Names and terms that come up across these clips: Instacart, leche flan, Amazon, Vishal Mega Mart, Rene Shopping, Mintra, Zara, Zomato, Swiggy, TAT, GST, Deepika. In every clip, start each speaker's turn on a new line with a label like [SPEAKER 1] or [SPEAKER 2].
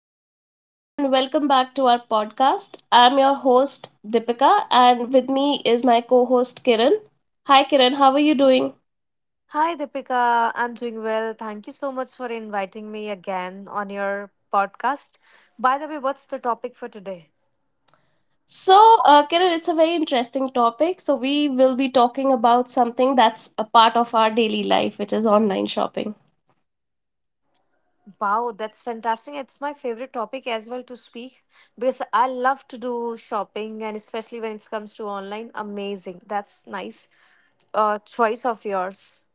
[SPEAKER 1] Hello, everyone, and welcome back to our podcast. I'm your host, Dipika, and with me is my co host, Kiran. Hi, Kiran, how are you doing?
[SPEAKER 2] Hi, Deepika. I'm doing well. Thank you so much for inviting me again on your podcast. By the way, what's the topic for today?
[SPEAKER 1] So, Kiran, it's a very interesting topic. So, we will be talking about something that's a part of our daily life, which is online shopping.
[SPEAKER 2] Wow, that's fantastic. It's my favorite topic as well to speak because I love to do shopping and especially when it comes to online. Amazing. That's nice choice of yours.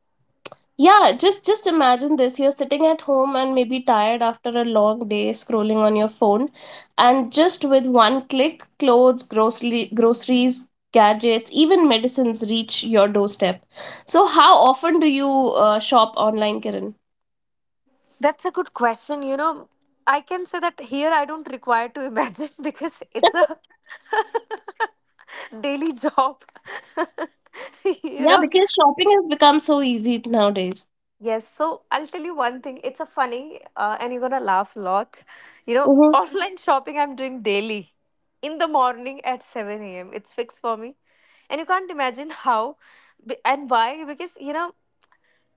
[SPEAKER 1] Yeah, just imagine this. You're sitting at home and maybe tired after a long day scrolling on your phone, and just with one click, clothes, groceries, gadgets, even medicines reach your doorstep. So how often do you shop online, Kiran?
[SPEAKER 2] That's a good question. You know, I can say that here I don't require to imagine because it's a daily job. you
[SPEAKER 1] Yeah,
[SPEAKER 2] know
[SPEAKER 1] because shopping has become so easy nowadays.
[SPEAKER 2] Yes, so I'll tell you one thing. It's a funny, and you're gonna laugh a lot.
[SPEAKER 1] Mm-hmm.
[SPEAKER 2] Online shopping I'm doing daily in the morning at 7 a.m. It's fixed for me, and you can't imagine how and why because you know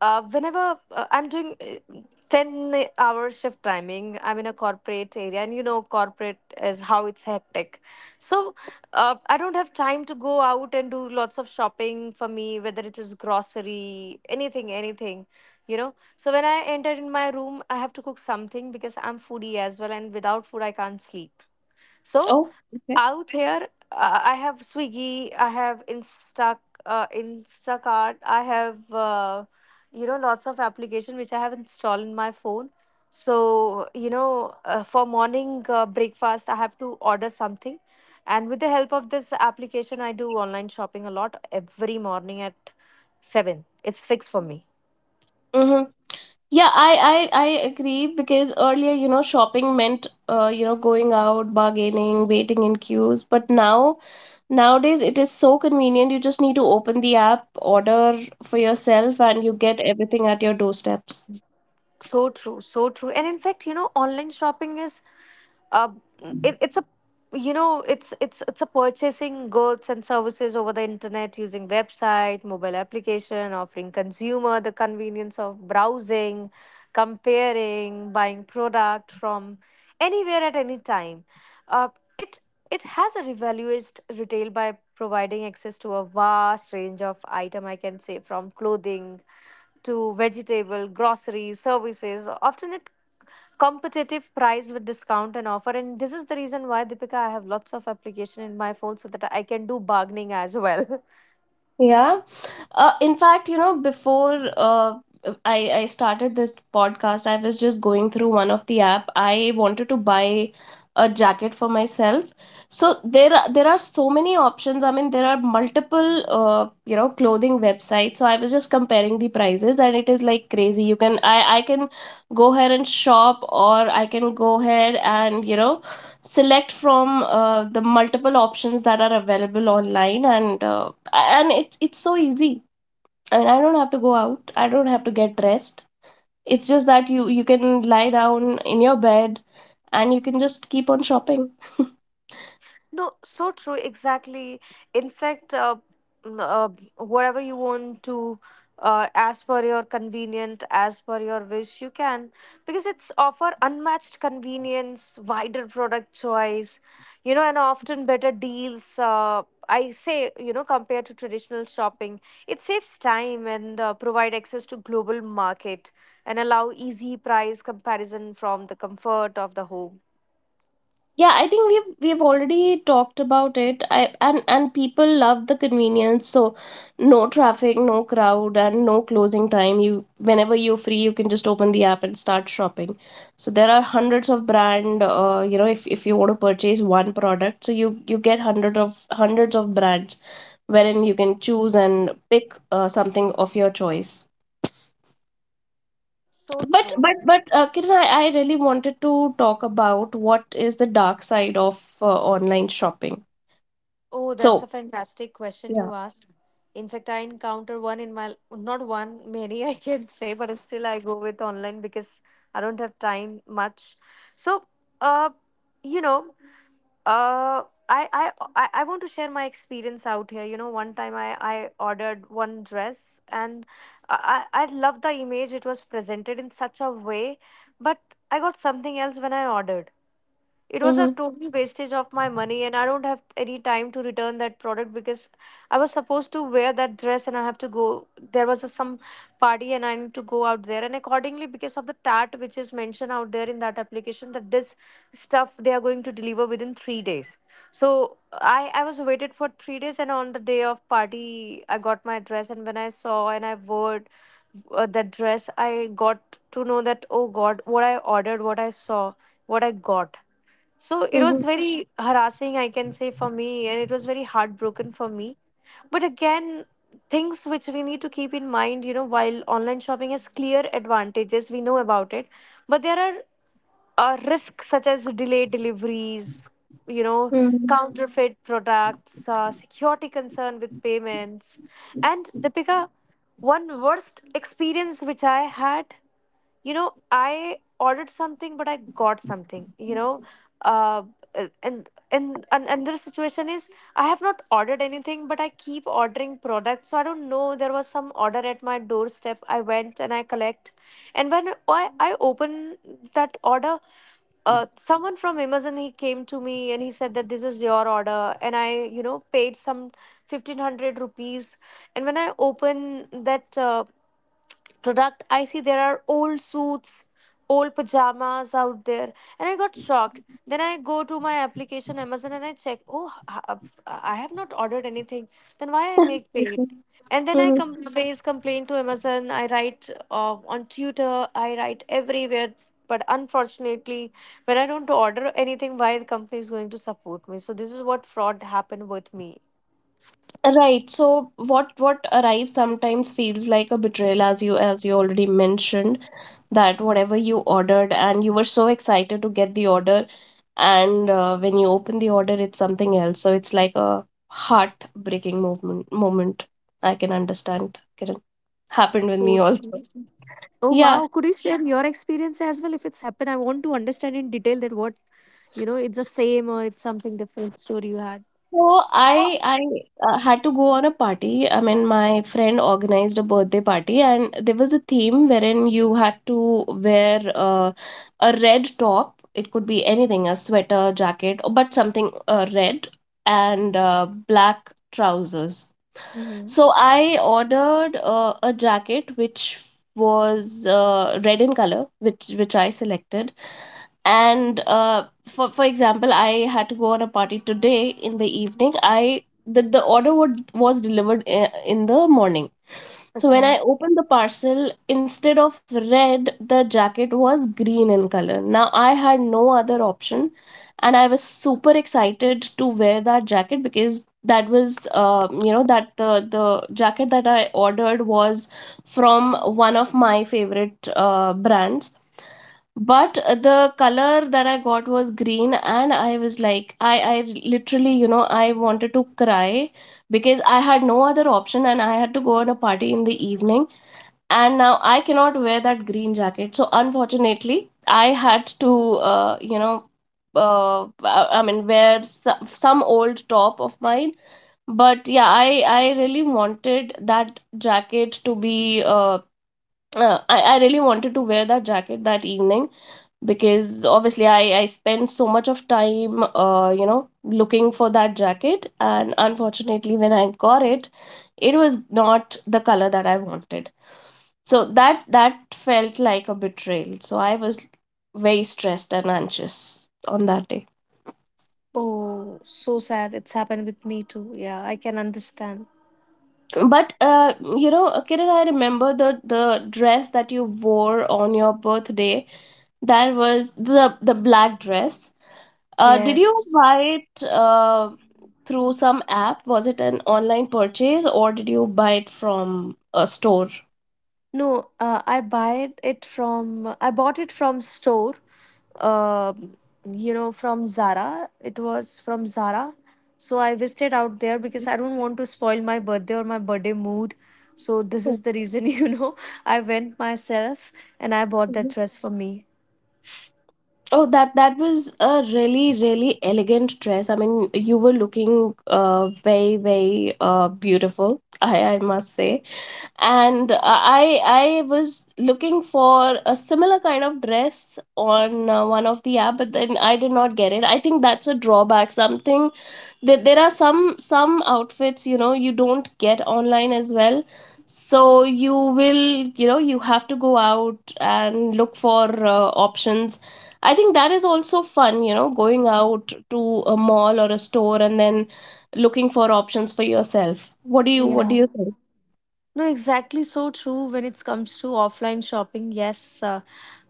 [SPEAKER 2] uh, whenever I'm doing 10-hour shift timing. I'm in a corporate area, and you know, corporate is how it's hectic. So, I don't have time to go out and do lots of shopping for me, whether it is grocery, anything, you know. So, when I enter in my room, I have to cook something because I'm foodie as well, and without food, I can't sleep. So,
[SPEAKER 1] Oh, okay.
[SPEAKER 2] out here I have swiggy I have instacart I have you know lots of application which I have installed in my phone so you know for morning breakfast I have to order something and with the help of this application I do online shopping a lot every morning at 7 it's fixed for me.
[SPEAKER 1] Mm-hmm. Yeah, I agree because earlier, shopping meant, going out, bargaining, waiting in queues. But now, nowadays, it is so convenient. You just need to open the app, order for yourself, and you get everything at your doorsteps.
[SPEAKER 2] So true, so true, and in fact you know online shopping is uh, it's a you know it's a purchasing goods and services over the internet using website mobile application offering consumer the convenience of browsing comparing buying product from anywhere at any time. uh, it it has a revalued retail by providing access to a vast range of item I can say from clothing to vegetable groceries services often it competitive price with discount and offer, and this is the reason why Deepika I have lots of application in my phone so that I can do bargaining as well.
[SPEAKER 1] Yeah. In fact, before I started this podcast, I was just going through one of the app. I wanted to buy a jacket for myself. So there are so many options. I mean, there are multiple clothing websites. So I was just comparing the prices, and it is like crazy. You can I can go ahead and shop, or I can go ahead and select from the multiple options that are available online, and it's so easy. I mean, I don't have to go out. I don't have to get dressed. It's just that you can lie down in your bed, and you can just keep on shopping.
[SPEAKER 2] No, so true, exactly. In fact, n- uh, whatever you want to, as per your convenient, as per your wish, you can because it's offer unmatched convenience, wider product choice, you know, and often better deals. I say, you know, compared to traditional shopping, it saves time and provide access to global market and allow easy price comparison from the comfort of the home.
[SPEAKER 1] Yeah, I think we've already talked about it. I and people love the convenience. So no traffic, no crowd, and no closing time. You whenever you're free, you can just open the app and start shopping. So there are hundreds of brand. If you want to purchase one product, so you get hundreds of brands wherein you can choose and pick something of your choice.
[SPEAKER 2] So
[SPEAKER 1] But
[SPEAKER 2] true.
[SPEAKER 1] but but uh, Kiran, I really wanted to talk about what is the dark side of uh, online shopping.
[SPEAKER 2] Oh, that's a
[SPEAKER 1] So,
[SPEAKER 2] fantastic question
[SPEAKER 1] yeah.
[SPEAKER 2] you asked. In fact, I encounter one in my not one, many I can say, but still I go with online because I don't have time much. So, uh, you know, I want to share my experience out here. You know, one time I ordered one dress and I love the image, it was presented in such a way, but I got something else. When I ordered, it was a
[SPEAKER 1] Mm-hmm,
[SPEAKER 2] total wastage of my money, and I don't have any time to return that product because I was supposed to wear that dress and I have to go. There was some party and I need to go out there. And accordingly, because of the TAT which is mentioned out there in that application, that this stuff they are going to deliver within three days. So I was waited for three days, and on the day of party, I got my dress. And when I saw and I wore that dress, I got to know that, oh God, what I ordered, what I saw, what I got, so it was
[SPEAKER 1] mm-hmm,
[SPEAKER 2] very harassing, I can say, for me, and it was very heartbroken for me. But again, things which we need to keep in mind, you know, while online shopping has clear advantages, we know about it, but there are risks such as delayed deliveries, you know,
[SPEAKER 1] mm-hmm.
[SPEAKER 2] counterfeit products, security concern with payments, and Deepika, one worst experience which I had, you know I ordered something but I got something you know uh uh, and and another situation is I have not ordered anything but I keep ordering products, so I don't know, there was some order at my doorstep, I went and I collect, and when I open that order, someone from Amazon he came to me and he said that this is your order and I you know paid some 1500 rupees, and when I open that product I see there are old suits, old pajamas out there, and I got shocked. Then I go to my application Amazon and I check, oh I have not ordered anything, then why I make paid. And then
[SPEAKER 1] Hmm.
[SPEAKER 2] raise complaint to Amazon, I write on Twitter, I write everywhere, but unfortunately, when I don't order anything, why the company is going to support me? So this is what fraud happened with me.
[SPEAKER 1] Right. So what arrives sometimes feels like a betrayal, as you already mentioned, that whatever you ordered and you were so excited to get the order, and when you open the order, it's something else. So it's like a heart-breaking movement moment. I can understand, Kiran. Happened with me also.
[SPEAKER 2] Oh wow,
[SPEAKER 1] Yeah,
[SPEAKER 2] could you share your experience as well if it's happened? I want to understand in detail that what you know, it's the same or it's something different story you had.
[SPEAKER 1] so I had to go on a party. I mean, my friend organized a birthday party, and there was a theme wherein you had to wear a red top. It could be anything, a sweater, jacket, but something red and black trousers.
[SPEAKER 2] Mm-hmm.
[SPEAKER 1] So I ordered a jacket which was red in color, which I selected, and for example, I had to go on a party today in the evening. The order was delivered in the morning. So when I
[SPEAKER 2] Okay.
[SPEAKER 1] opened the parcel, instead of red, the jacket was green in color. Now I had no other option, and I was super excited to wear that jacket, because that was, that the jacket that I ordered was from one of my favorite brands. But the color that I got was green, and I was like, I literally, I wanted to cry, because I had no other option and I had to go on a party in the evening, and now I cannot wear that green jacket. So unfortunately, I had to, I mean, wear some old top of mine. But yeah, I really wanted that jacket to be. I really wanted to wear that jacket that evening, because obviously, I spent so much of time, looking for that jacket. And unfortunately, when I got it, it was not the color that I wanted. So that felt like a betrayal. So I was very stressed and anxious on that day.
[SPEAKER 2] Oh, so sad. It's happened with me too. Yeah, I can understand.
[SPEAKER 1] But Kiran, I remember the dress that you wore on your birthday. That was the black dress. Did you
[SPEAKER 2] Yes.
[SPEAKER 1] buy it through some app? Was it an online purchase, or did you buy it from a store?
[SPEAKER 2] No, I bought it from store. Um, you know, from Zara. It was from Zara. So I visited out there because I don't want to spoil my birthday or my birthday mood. So this is the reason, you know, I went myself and I bought that dress for me.
[SPEAKER 1] Oh, that was a really, really elegant dress. I mean, you were looking very, very beautiful, I must say. And I was looking for a similar kind of dress on one of the app, but then I did not get it. I think that's a drawback, something that there are some outfits, you don't get online as well. So you will, you have to go out and look for options. I think that is also fun, going out to a mall or a store and then looking for options for yourself. what do you what do
[SPEAKER 2] Yeah.
[SPEAKER 1] you think?
[SPEAKER 2] No, exactly so true when it comes to offline shopping. Yes, uh,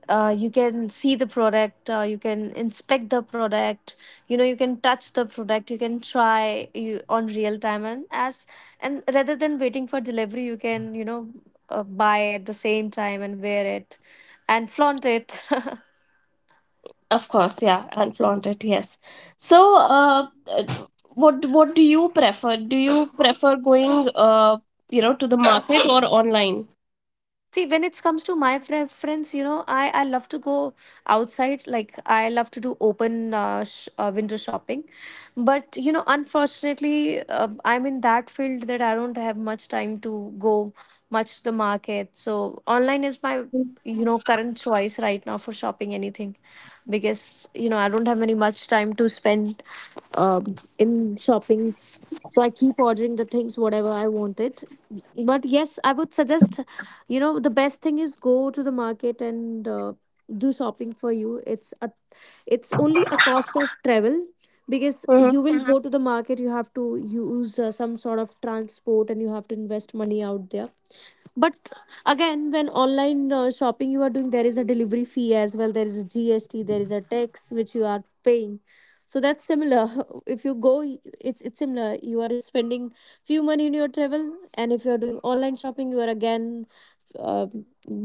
[SPEAKER 2] uh, you can see the product, you can inspect the product, you know, you can touch the product, you can try you, on real time, and as and rather than waiting for delivery, you can you know buy at the same time and wear it and flaunt it.
[SPEAKER 1] Of course, yeah, and flaunt it, yes. So, what do you prefer? Do you prefer going, to the market or online?
[SPEAKER 2] See, when it comes to my friends, you know, I love to go outside. Like, I love to do open sh window shopping. But, you know, unfortunately, I'm in that field that I don't have much time to go much to the market. So, online is my,
[SPEAKER 1] Mhm.
[SPEAKER 2] you know, current choice right now for shopping anything because, you know, I don't have any much time to spend in shoppings. So I keep ordering the things whatever I wanted. But yes, I would suggest, you know, the best thing is go to the market and do shopping for you. It's a it's only a cost of travel because you
[SPEAKER 1] Mhm.
[SPEAKER 2] will go to the market. You have to use some sort of transport and you have to invest money out there, but again, when online shopping you are doing, there is a delivery fee as well. There is a GST. There is a tax which you are paying. So that's similar. If you go, it's similar. You are spending few money in your travel, and if you are doing online shopping, you are again uh,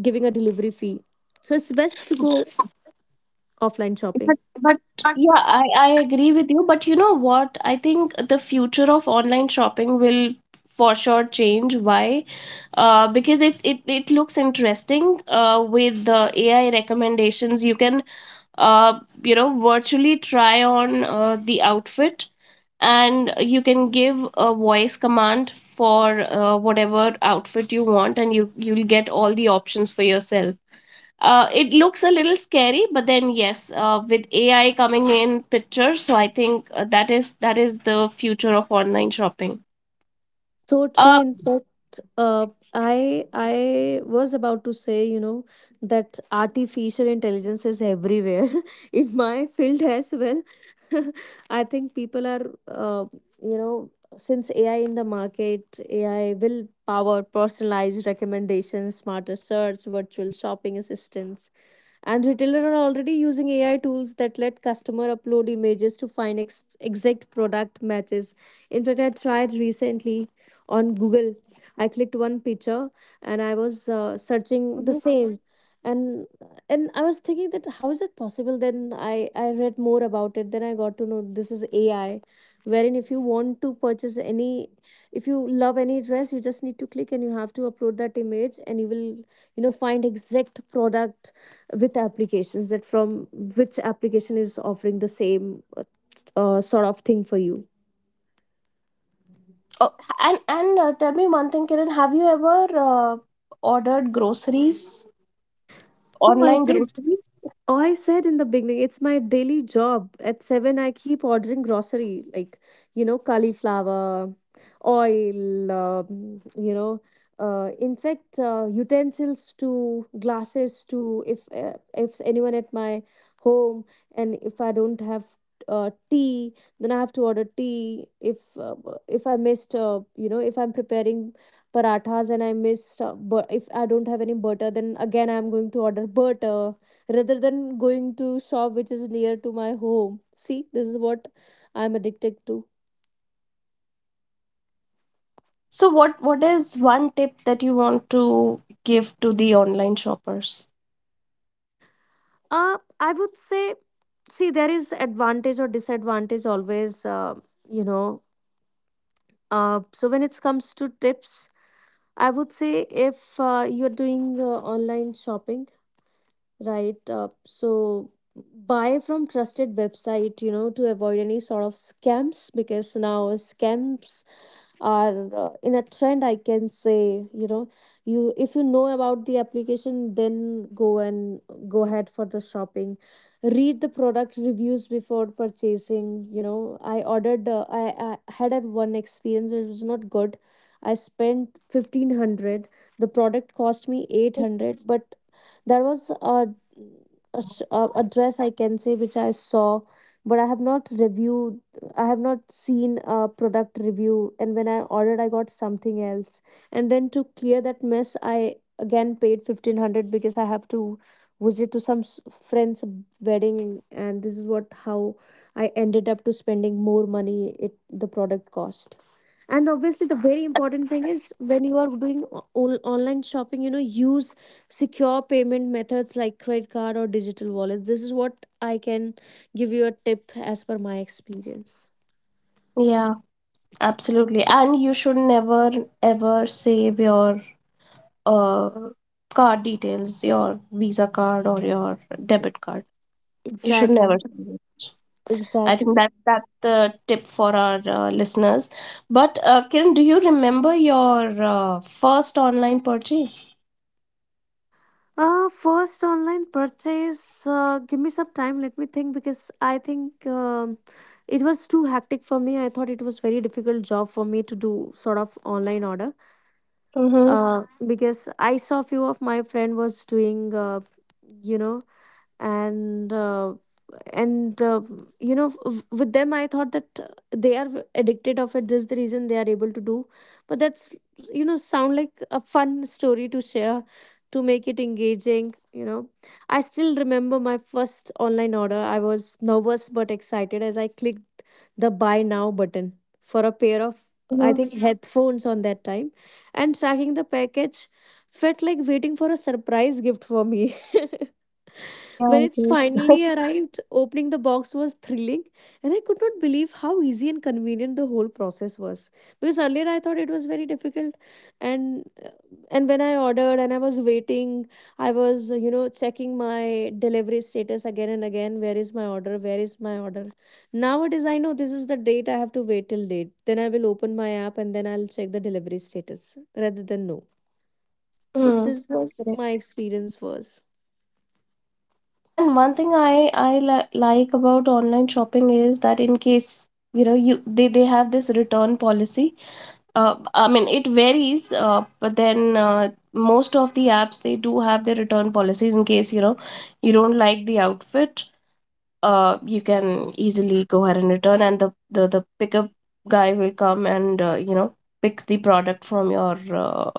[SPEAKER 2] giving a delivery fee. So it's best to go offline
[SPEAKER 1] But
[SPEAKER 2] shopping.
[SPEAKER 1] but yeah, I agree with you. But you know what? I think the future of online shopping will for sure change. Why? Because it looks interesting. With the AI recommendations, you can, uh virtually try on the outfit, and you can give a voice command for whatever outfit you want, and you'll get all the options for yourself. It looks a little scary, but then yes, with AI coming in picture, so I think, that is the future of online shopping.
[SPEAKER 2] So true.
[SPEAKER 1] uh,
[SPEAKER 2] In fact, I was about to say, you know, that artificial intelligence is everywhere in my field as well. I think people are, you know, since AI in the market, AI will power personalized recommendations, smarter search, virtual shopping assistants, and retailers are already using AI tools that let customer upload images to find exact product matches. In fact I tried recently on Google, I clicked one picture and I was searching the
[SPEAKER 1] mhm.
[SPEAKER 2] same, and I was thinking that how is it possible. Then i read more about it, then I got to know this is AI, wherein if you want to purchase any, if you love any dress, you just need to click and you have to upload that image and you will you know find exact product with applications, that from which application is offering the same sort of thing for you.
[SPEAKER 1] Oh, and tell me one thing, Kiran. Have you ever uh, ordered groceries,
[SPEAKER 2] Oh, I
[SPEAKER 1] online
[SPEAKER 2] said.
[SPEAKER 1] groceries?
[SPEAKER 2] Oh, I said in the beginning, it's my daily job. At seven, I keep ordering grocery, like, you know, cauliflower, oil, you know, in fact, utensils too, glasses too. If anyone at my home, and if I don't have tea, then I have to order tea. If I missed, you know, if I'm preparing parathas and I missed, but if I don't have any butter, then again I'm going to order butter rather than going to shop which is near to my home. See this is what I'm addicted to.
[SPEAKER 1] So what is one tip that you want to give to the online shoppers?
[SPEAKER 2] Uh, I would say, see, there is advantage or disadvantage always, you know. So when it comes to tips, I would say if you're doing online shopping, right? So buy from trusted website, to avoid any sort of scams because now scams are in a trend, I can say. You know, you if you know about the application, then go and go ahead for the shopping. Read the product reviews before purchasing. You know, I ordered I had a one experience, it was not good. I spent 1500, the product cost me
[SPEAKER 1] Mhm.
[SPEAKER 2] 800, but there was a, sh- a dress, I can say, which I saw but I have not reviewed. I have not seen a product review, and when I ordered, I got something else. And then to clear that mess, I again paid 1500 because I have to visit to some friend's wedding, and this is what how I ended up to spending more money it the product cost. And obviously, the very important thing is when you are doing online shopping, you know, use secure payment methods like credit card or digital wallets. This is what I can give you a tip as per my experience.
[SPEAKER 1] Yeah, absolutely. And you should never ever save your uh card details, your Visa card or your debit card. You should never
[SPEAKER 2] Exactly.
[SPEAKER 1] save it. I think
[SPEAKER 2] Exactly.
[SPEAKER 1] that that's the tip for our listeners. But Kiran, do you remember your first online purchase?
[SPEAKER 2] First online purchase. Give me some time. Let me think because I think it was too hectic for me. I thought it was very difficult job for me to do sort of online order.
[SPEAKER 1] Mm-hmm.
[SPEAKER 2] Because I saw few of my friend was doing. You know, and uh, and you know w- With them, I thought that they are addicted of it, this is the reason they are able to do. But that's, you know, sound like a fun story to share, to make it engaging, you know. I still remember my first online order, I was nervous but excited as I clicked the buy now button for a pair of, I
[SPEAKER 1] Mm-hmm.
[SPEAKER 2] think, headphones on that time, and tracking the package felt like waiting for a surprise gift for me.
[SPEAKER 1] Yeah,
[SPEAKER 2] When
[SPEAKER 1] I
[SPEAKER 2] it
[SPEAKER 1] do.
[SPEAKER 2] finally arrived, opening the box was thrilling, and I could not believe how easy and convenient the whole process was. Because earlier I thought it was very difficult, and and when I ordered and I was waiting, I was, you know, checking my delivery status again and again. Where is my order? Where is my order? Nowadays I know this is the date I have to wait till date. Then I will open my app and then I'll check the delivery status rather than no. So
[SPEAKER 1] Mm.
[SPEAKER 2] this was
[SPEAKER 1] Correct.
[SPEAKER 2] my experience was.
[SPEAKER 1] And one thing I li like about online shopping is that, in case, you know you they have this return policy. I mean, it varies, but then, most of the apps, they do have their return policies in case, you don't like the outfit. You can easily go ahead and return, and the pickup guy will come and, pick the product from your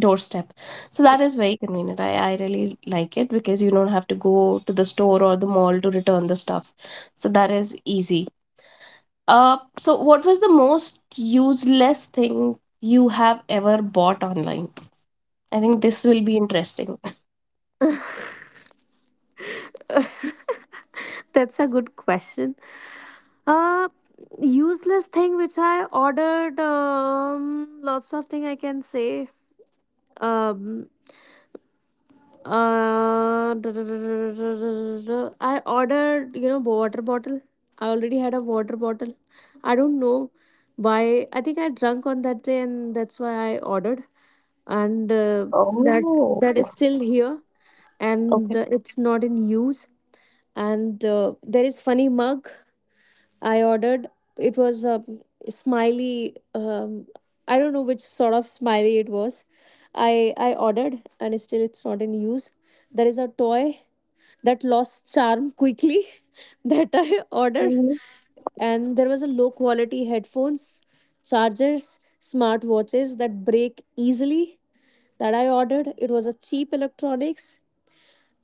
[SPEAKER 1] doorstep. So that is very convenient. I really like it because you don't have to go to the store or the mall to return the stuff. So that is easy. So what was the most useless thing you have ever bought online? I think this will be interesting.
[SPEAKER 2] That's a good question. Uh, useless thing which I ordered. Lots of thing I can say. Um, duh, duh, duh, duh, duh, duh, duh, duh. I ordered, you know, water bottle. I already had a water bottle. I don't know why. I think I drunk on that day, and that's why I ordered. And that
[SPEAKER 1] Oh,
[SPEAKER 2] that is still here, and
[SPEAKER 1] okay.
[SPEAKER 2] it's not in use. And there is funny mug I ordered. It was a smiley, I don't know which sort of smiley it was. I ordered and still it's not in use. There is a toy that lost charm quickly that I ordered.
[SPEAKER 1] Mhm.
[SPEAKER 2] And there was a low quality headphones, chargers, smart watches that break easily that I ordered. It was a cheap electronics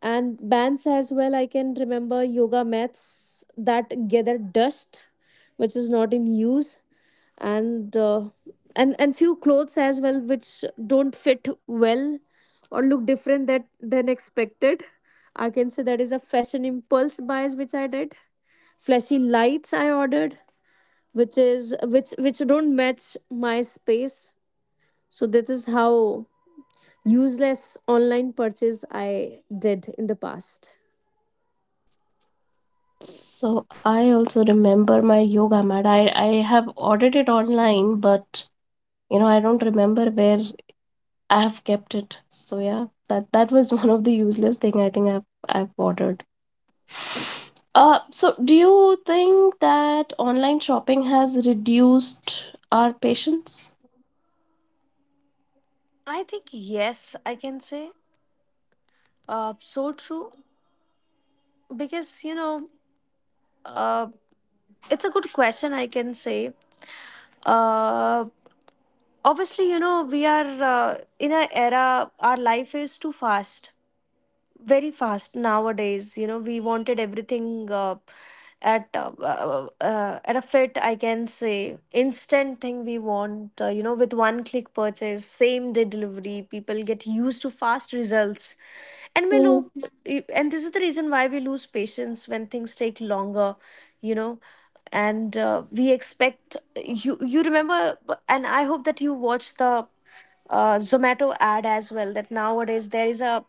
[SPEAKER 2] and bands as well, I can remember. Yoga mats that gather dust, which is not in use. And and few clothes as well which don't fit well or look different that than expected. I can say that is a fashion impulse bias which I did. Flashy lights I ordered which don't match my space. So this is how useless online purchase I did in the past.
[SPEAKER 1] So I also remember my yoga mat. I have ordered it online, but I don't remember where I have kept it. So yeah, that was one of the useless thing I think I've ordered. So do you think that online shopping has reduced our patience?
[SPEAKER 2] I think yes, I can say. So true because, you know, uh, it's a good question, I can say. Uh, obviously, you know, we are in an era. Our life is too fast, very fast nowadays. You know, we wanted everything at a fit, I can say, instant thing we want. Uh, you know, with one click purchase, same day delivery, people get used to fast results. And we lo- and this is the reason why we lose patience when things take longer, you know. And we expect, you remember, and I hope that you watched the Zomato ad as well, that nowadays there is a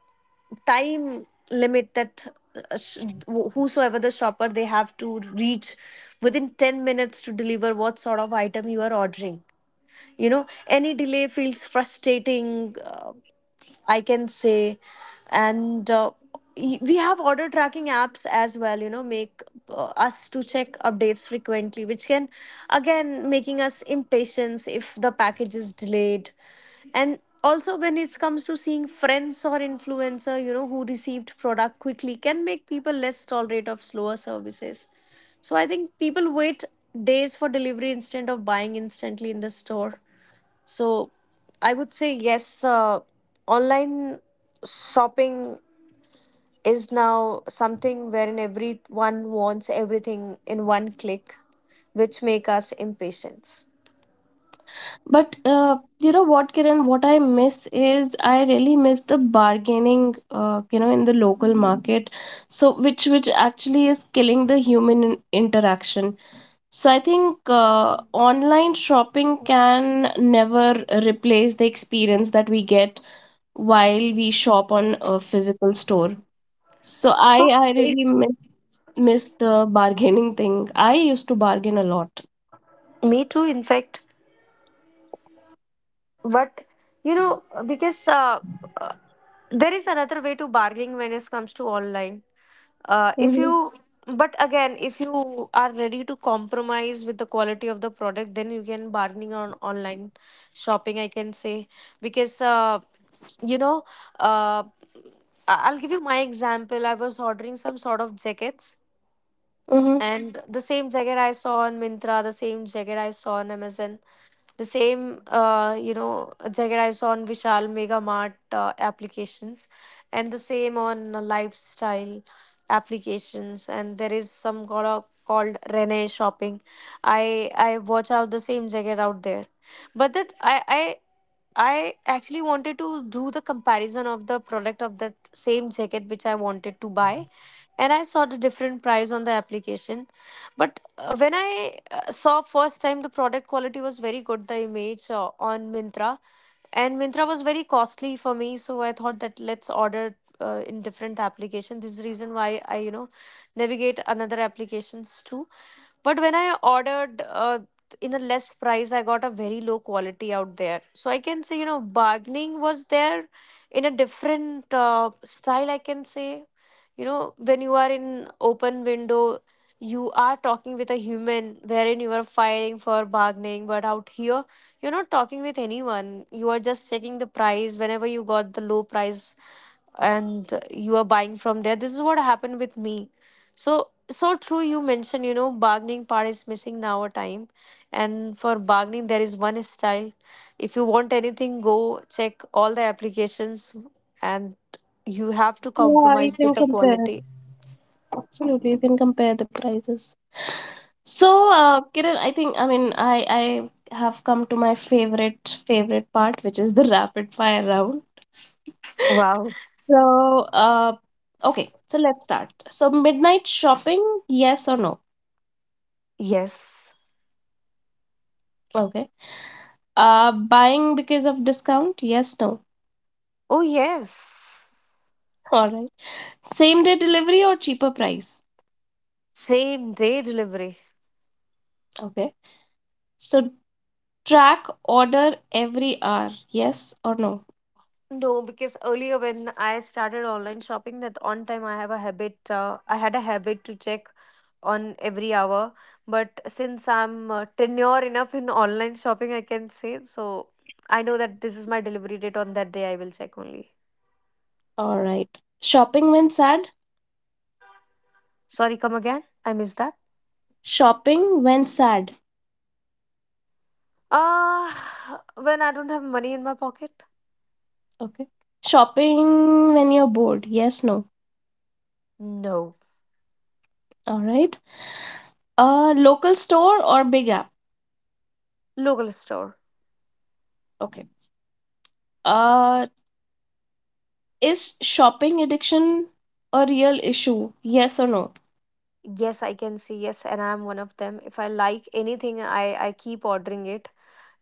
[SPEAKER 2] time limit that uh, sh- whosoever the shopper, they have to reach within 10 minutes to deliver what sort of item you are ordering. You know, any delay feels frustrating, I can say. And we have order tracking apps as well, you know, make us to check updates frequently, which can again making us impatient if the package is delayed. And also, when it comes to seeing friends or influencer, you know, who received product quickly can make people less tolerant of slower services. So I think people wait days for delivery instead of buying instantly in the store. So I would say yes, online shopping is now something wherein everyone wants everything in one click, which make us impatient.
[SPEAKER 1] But you know what, Kiran, what I miss is, I really miss the bargaining, in the local market. So which actually is killing the human interaction. So I think, online shopping can never replace the experience that we get while we shop on a physical store. So I really miss the bargaining thing. I used to bargain a lot.
[SPEAKER 2] Me too. In fact, but you know, because uh, there is another way to bargaining when it comes to online. If
[SPEAKER 1] Mhm,
[SPEAKER 2] you, But again, if you are ready to compromise with the quality of the product, then you can bargaining on online shopping, I can say. Because you know, uh, I'll give you my example. I was ordering some sort of jackets,
[SPEAKER 1] mhm.
[SPEAKER 2] and the same jacket I saw on Mintra, the same jacket I saw on Amazon, the same, jacket I saw on Vishal Mega Mart applications, and the same on lifestyle applications. And there is some called called Rene Shopping. I watch out the same jacket out there, but that I. I actually wanted to do the comparison of the product of that same jacket which I wanted to buy, and I saw the different price on the application. But when I saw first time, the product quality was very good, the image on Mintra. And Mintra was very costly for me, so I thought that let's order in different application. This is the reason why I, you know, navigate another applications too. But when I ordered in a less price, I got a very low quality out there. So I can say, you know, bargaining was there in a different style, I can say. You know, when you are in open window, you are talking with a human wherein you are fighting for bargaining, but out here, you're not talking with anyone. You are just checking the price. Whenever you got the low price, and you are buying from there, this is what happened with me. So so true, you mentioned, you know, bargaining part is missing now a time. And for bargaining, there is one style, if you want anything, go check all the applications, and you have to
[SPEAKER 1] Yeah, you
[SPEAKER 2] compromise
[SPEAKER 1] can
[SPEAKER 2] with the
[SPEAKER 1] compare.
[SPEAKER 2] quality.
[SPEAKER 1] Absolutely, you can compare the prices. So, Kiran, I think, I mean, I have come to my favorite part, which is the rapid fire round.
[SPEAKER 2] Wow.
[SPEAKER 1] So, uh, okay, so let's start. So, midnight shopping, yes or no?
[SPEAKER 2] Yes.
[SPEAKER 1] Okay. Buying because of discount, yes, no?
[SPEAKER 2] Oh, yes.
[SPEAKER 1] All right. Same day delivery or cheaper price?
[SPEAKER 2] Same day delivery.
[SPEAKER 1] Okay. So, track order every hour. Yes or no?
[SPEAKER 2] No, because earlier when I started online shopping, that on time I have a habit. I had a habit to check on every hour, but since I'm tenure enough in online shopping, I can say so. I know that this is my delivery date. On that day, I will check only.
[SPEAKER 1] All right. Shopping when sad?
[SPEAKER 2] Sorry, come again, I missed that.
[SPEAKER 1] Shopping when sad.
[SPEAKER 2] Ah, when I don't have money in my pocket.
[SPEAKER 1] Okay. Shopping when you're bored. Yes, no?
[SPEAKER 2] No.
[SPEAKER 1] All right. Local store or big app?
[SPEAKER 2] Local store.
[SPEAKER 1] Okay. Uh is shopping addiction a real issue? Yes or no?
[SPEAKER 2] Yes, I can see. Yes, and I'm one of them. If I like anything, I keep ordering it.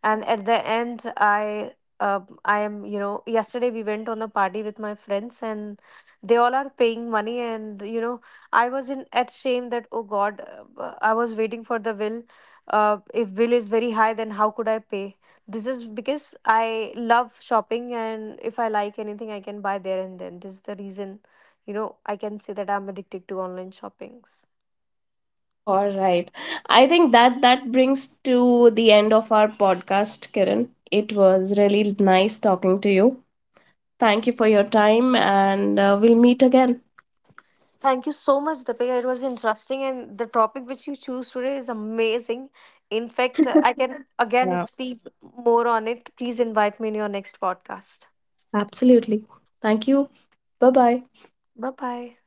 [SPEAKER 2] And at the end, uh, I am, you know, yesterday we went on a party with my friends, and they all are paying money, and you know, I was in at shame that oh God, I was waiting for the bill. If bill is very high, then how could I pay? This is because I love shopping, and if I like anything, I can buy there and then. This is the reason, you know, I can say that I'm addicted to online shoppings.
[SPEAKER 1] All right. I think that brings to the end of our podcast, Kiran. It was really nice talking to you. Thank you for your time, and we'll meet again.
[SPEAKER 2] Thank you so much, Deepika. It was interesting, and the topic which you choose today is amazing. In fact, I can again
[SPEAKER 1] Yeah.
[SPEAKER 2] speak more on it. Please invite me in your next podcast.
[SPEAKER 1] Absolutely. Thank you. Bye bye.
[SPEAKER 2] Bye bye.